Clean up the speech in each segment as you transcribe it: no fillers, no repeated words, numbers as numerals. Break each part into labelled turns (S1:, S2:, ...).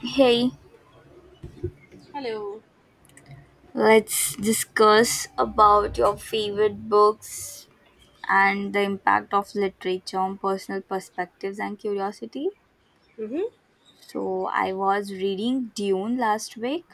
S1: Hey,
S2: Hello.
S1: let's discuss about your favorite books and the impact of literature on personal perspectives and curiosity.
S2: Mm-hmm.
S1: So, I was reading Dune last week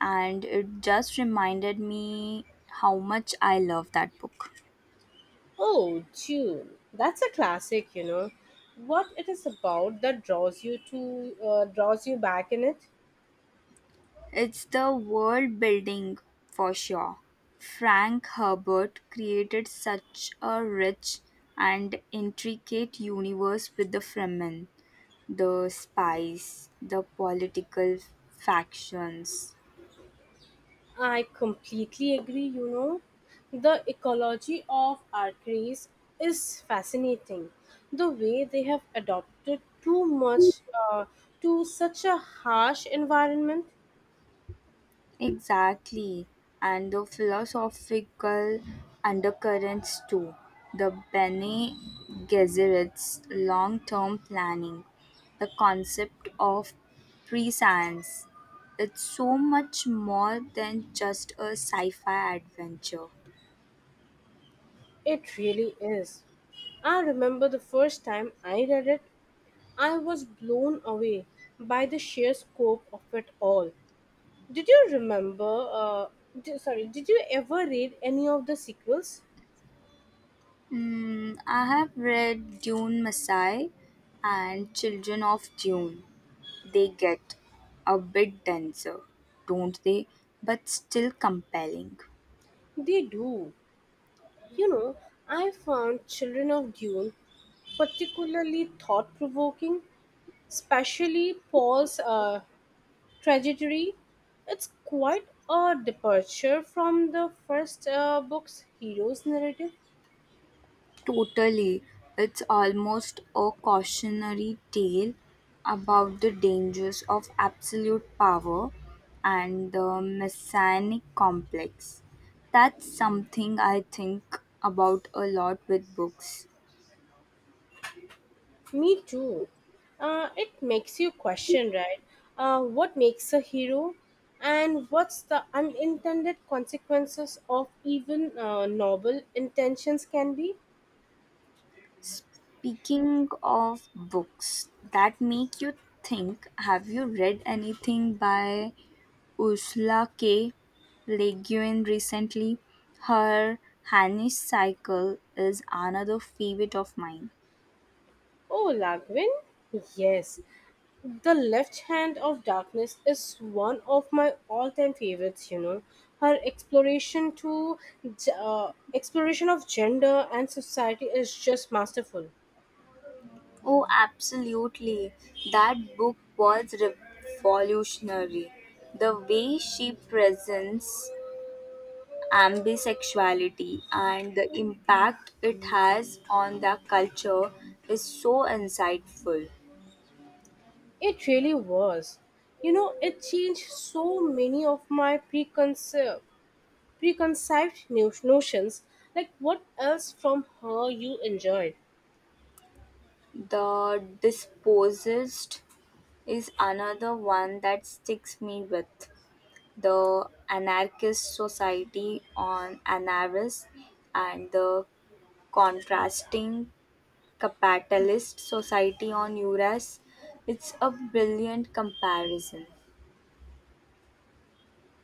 S1: and it just reminded me how much I love that book.
S2: Oh, June. That's a classic, What it is about that draws you to draws you back in it?
S1: It's the world building for sure. Frank Herbert created such a rich and intricate universe with the Fremen, the spies, the political factions.
S2: I completely agree, The ecology of archeries is fascinating. The way they have adopted too much to such a harsh environment,
S1: Exactly. And the philosophical undercurrents too. The Bene Gesserit's long term planning, the concept of prescience. It's so much more than just a sci fi adventure.
S2: it really is. I remember the first time I read it, I was blown away by the sheer scope of it all. Did you remember? Sorry, did you ever read any of the sequels?
S1: I have read Dune Messiah and Children of Dune. They get a bit denser, don't they? But still compelling.
S2: They do. You know, I found Children of Dune particularly thought provoking, especially Paul's trajectory. It's quite a departure from the first book's hero's narrative.
S1: Totally. It's almost a cautionary tale about the dangers of absolute power and the messianic complex. That's something I think about a lot with books.
S2: Me too. It makes you question, right? What makes a hero, and what's the unintended consequences of even noble intentions can be?
S1: Speaking of books that make you think, have you read anything by Ursula K. Le Guin recently? Her Hanish Cycle is another favorite of mine.
S2: Oh, Lagwin, yes. The Left Hand of Darkness is one of my all-time favorites. You know, her exploration of gender and society is just masterful.
S1: Oh, absolutely. That book was revolutionary. The way she presents ambisexuality and the impact it has on the culture is so insightful.
S2: It really was. You know, it changed so many of my preconceived notions, like what else from her you enjoyed.
S1: The Dispossessed is another one that sticks me with. The anarchist society on Anaris and the contrasting capitalist society on Uras. It's a brilliant comparison.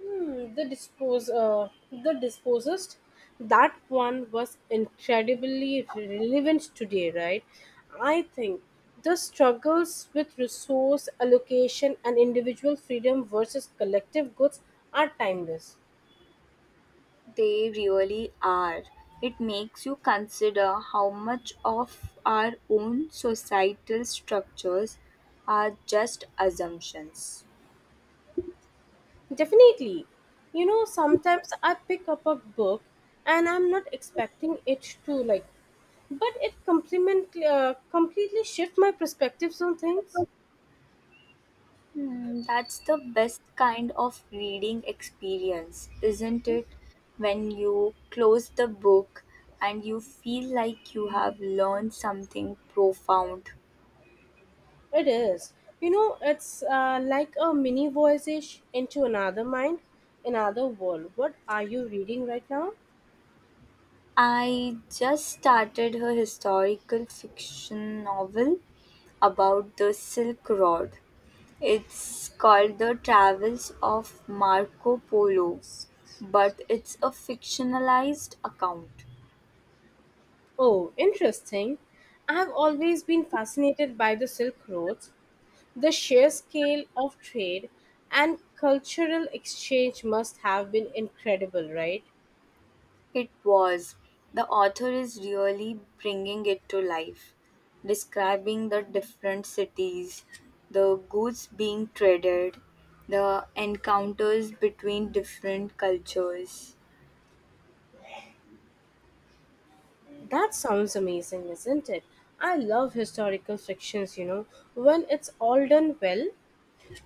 S2: The disposist. That one was incredibly relevant today, right? I think the struggles with resource allocation and individual freedom versus collective goods are timeless.
S1: They really are. It makes you consider how much of our own societal structures are just assumptions.
S2: Definitely. You know, sometimes I pick up a book and I'm not expecting it to like, but it complement completely shift my perspectives on things.
S1: That's the best kind of reading experience, isn't it? When you close the book and you feel like you have learned something profound.
S2: It is. You know, it's like a mini voyage into another mind, another world. What are you reading right now?
S1: I just started her historical fiction novel about the Silk Road. It's called The Travels of Marco Polo, but it's a fictionalized account.
S2: Oh, interesting. I have always been fascinated by the Silk Roads. The sheer scale of trade and cultural exchange must have been incredible, right?
S1: It was. The author is really bringing it to life, describing the different cities, the goods being traded, the encounters between different cultures.
S2: That sounds amazing, isn't it? I love historical fictions, you know, when it's all done well,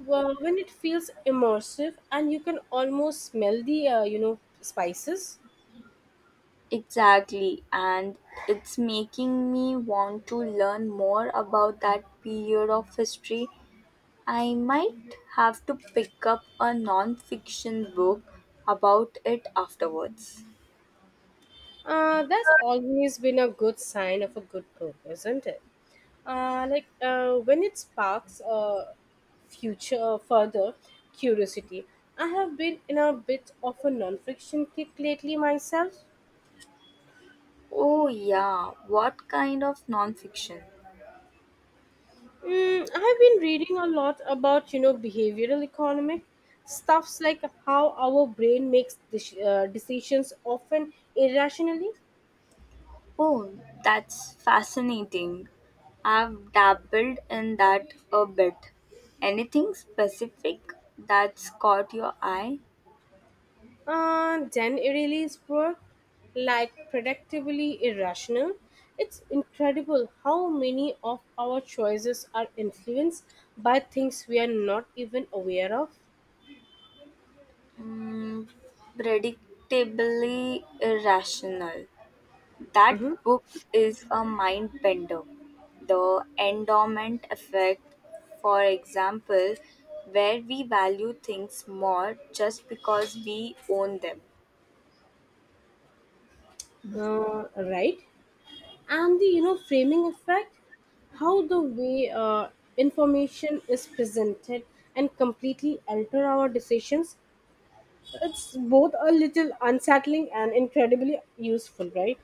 S2: well, when it feels immersive and you can almost smell the spices.
S1: Exactly, and it's making me want to learn more about that period of history. I might have to pick up a non fiction book about it afterwards.
S2: That's always been a good sign of a good book, isn't it? When it sparks future further curiosity. I have been in a bit of a non-fiction kick lately myself.
S1: Oh, yeah. What kind of nonfiction?
S2: I have been reading a lot about behavioral economic stuffs, like how our brain makes decisions, often irrationally.
S1: Oh, that's fascinating. I've dabbled in that a bit. Anything specific that's caught your eye?
S2: Then Riley's work, like predictably irrational. It's incredible how many of our choices are influenced by things we are not even aware of.
S1: Mm, predictably irrational. That
S2: hmm
S1: book is a mind bender. The endowment effect, for example, where we value things more just because we own them.
S2: Right? And the framing effect, how the way information is presented and completely alter our decisions. It's both a little unsettling and incredibly useful, right?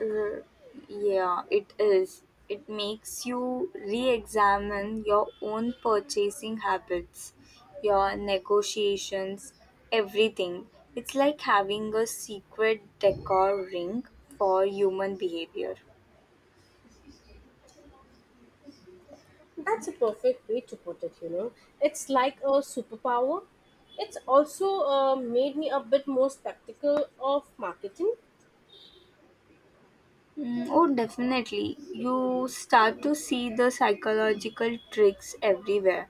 S1: R- yeah, it is. It makes you re examine your own purchasing habits, your negotiations, everything. It's like having a secret decor ring for human behavior.
S2: That's a perfect way to put it, you know. It's like a superpower. It's also made me a bit more skeptical of marketing.
S1: Oh, definitely. You start to see the psychological tricks everywhere.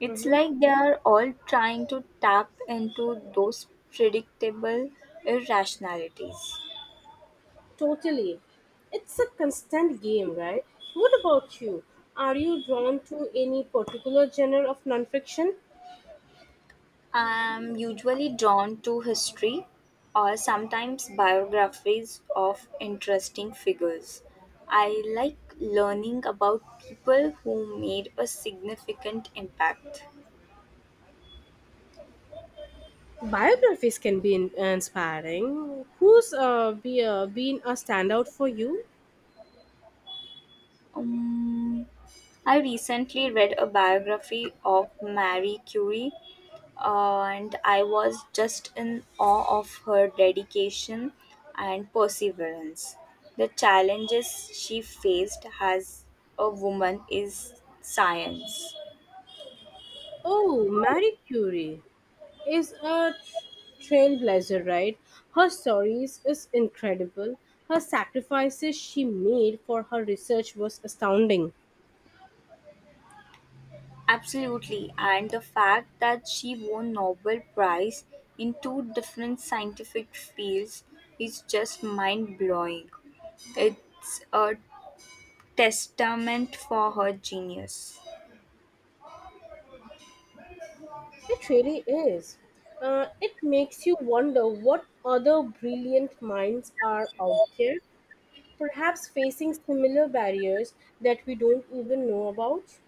S1: It's
S2: Mm-hmm.
S1: like they are all trying to tap into those predictable irrationalities.
S2: Totally. It's a constant game, right? What about you? Are you drawn to any particular genre of nonfiction?
S1: I'm usually drawn to history or sometimes biographies of interesting figures. I like learning about people who made a significant impact.
S2: Biographies can be inspiring. Who's been a standout for you?
S1: Um, I recently read a biography of Marie Curie. And I was just in awe of her dedication and perseverance. The challenges she faced as a woman is science.
S2: Oh, Marie Curie is a trailblazer, right? Her stories is incredible. Her sacrifices she made for her research was astounding.
S1: Absolutely, and the fact that she won Nobel Prize in two different scientific fields is just mind blowing. It's a testament for her genius.
S2: It really is. It makes you wonder what other brilliant minds are out there, perhaps facing similar barriers that we don't even know about.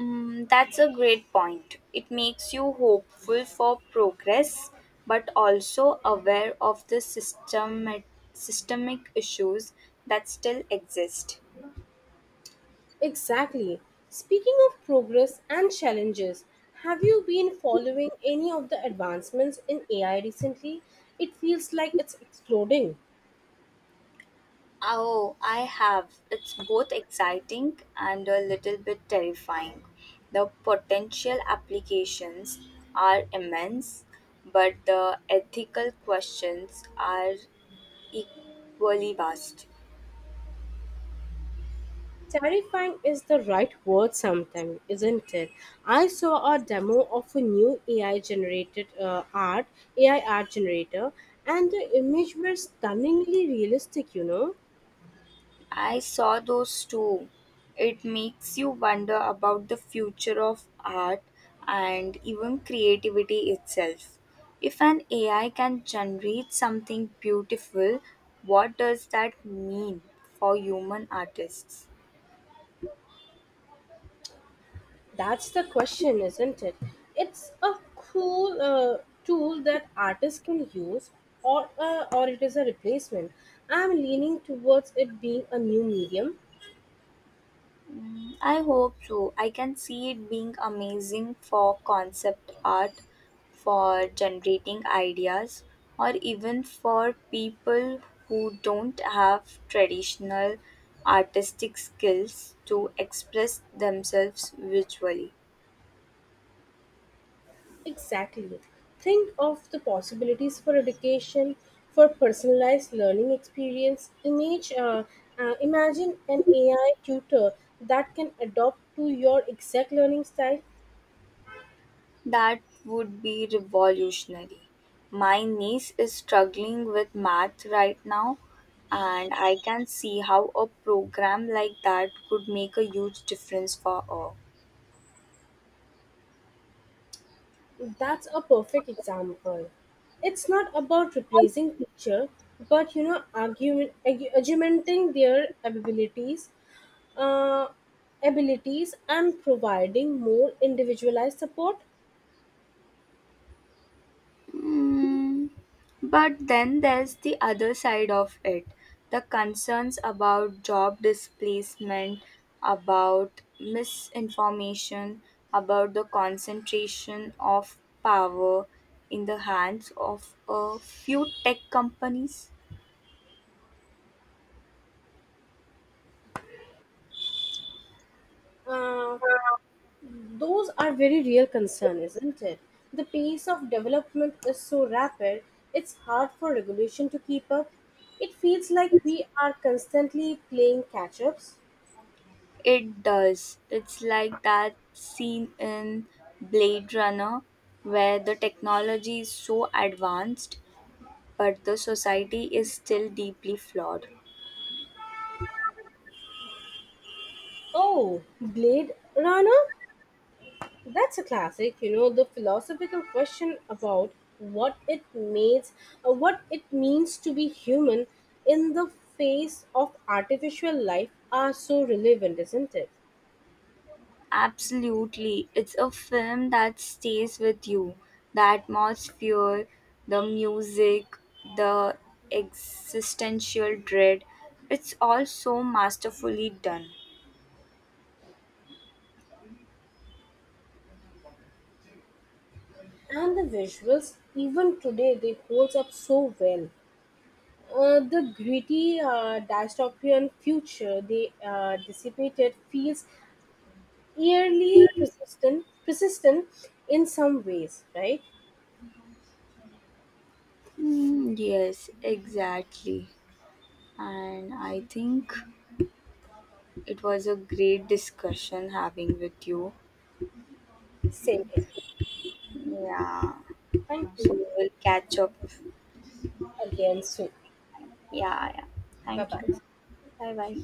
S1: That's a great point. It makes you hopeful for progress, but also aware of the systemic issues that still exist.
S2: Exactly. Speaking of progress and challenges, have you been following any of the advancements in AI recently? It feels like it's exploding.
S1: Oh, I have. It's both exciting and a little bit terrifying. The potential applications are immense, but the ethical questions are equally vast.
S2: Terrifying is the right word sometimes, isn't it? I saw a demo of a new AI art generator, and the image were stunningly realistic, you know.
S1: I saw those too. It makes you wonder about the future of art and even creativity itself. If an AI can generate something beautiful, what does that mean for human artists?
S2: That's the question, isn't it? It's a cool tool that artists can use, or it is a replacement. I'm leaning towards it being a new medium.
S1: I hope so. I can see it being amazing for concept art, for generating ideas, or even for people who don't have traditional artistic skills to express themselves visually.
S2: Exactly. Think of the possibilities for education, for personalized learning experience. Imagine an AI tutor that can adapt to your exact learning style.
S1: That would be revolutionary. My niece is struggling with math right now, and I can see how a program like that could make a huge difference for her.
S2: That's a perfect example. It's not about replacing teacher, but you know, argumenting their uh, abilities, and providing more individualized support.
S1: Mm, but then there's the other side of it, the concerns about job displacement, about misinformation, about the concentration of power in the hands of a few tech companies.
S2: Uh, those are very real concern, isn't it? The pace of development is so rapid; it's hard for regulation to keep up. It feels like we are constantly playing catch-ups.
S1: It does. It's like that scene in Blade Runner where the technology is so advanced, but the society is still deeply flawed.
S2: Oh, Blade Runner? That's a classic, you know, the philosophical question about what it means, what it means to be human in the face of artificial life are so relevant, isn't it?
S1: Absolutely. It's a film that stays with you. The atmosphere, the music, the existential dread. It's all so masterfully done.
S2: And the visuals, even today, they holds up so well. The gritty dystopian future they dissipated feels eerily persistent in some ways, right?
S1: Yes, exactly. And I think it was a great discussion having with you.
S2: Same here.
S1: Yeah.
S2: Thank
S1: So
S2: you
S1: we'll catch up.
S2: again soon.
S1: Yeah, yeah.
S2: Bye
S1: Thank
S2: bye.
S1: you. Bye bye.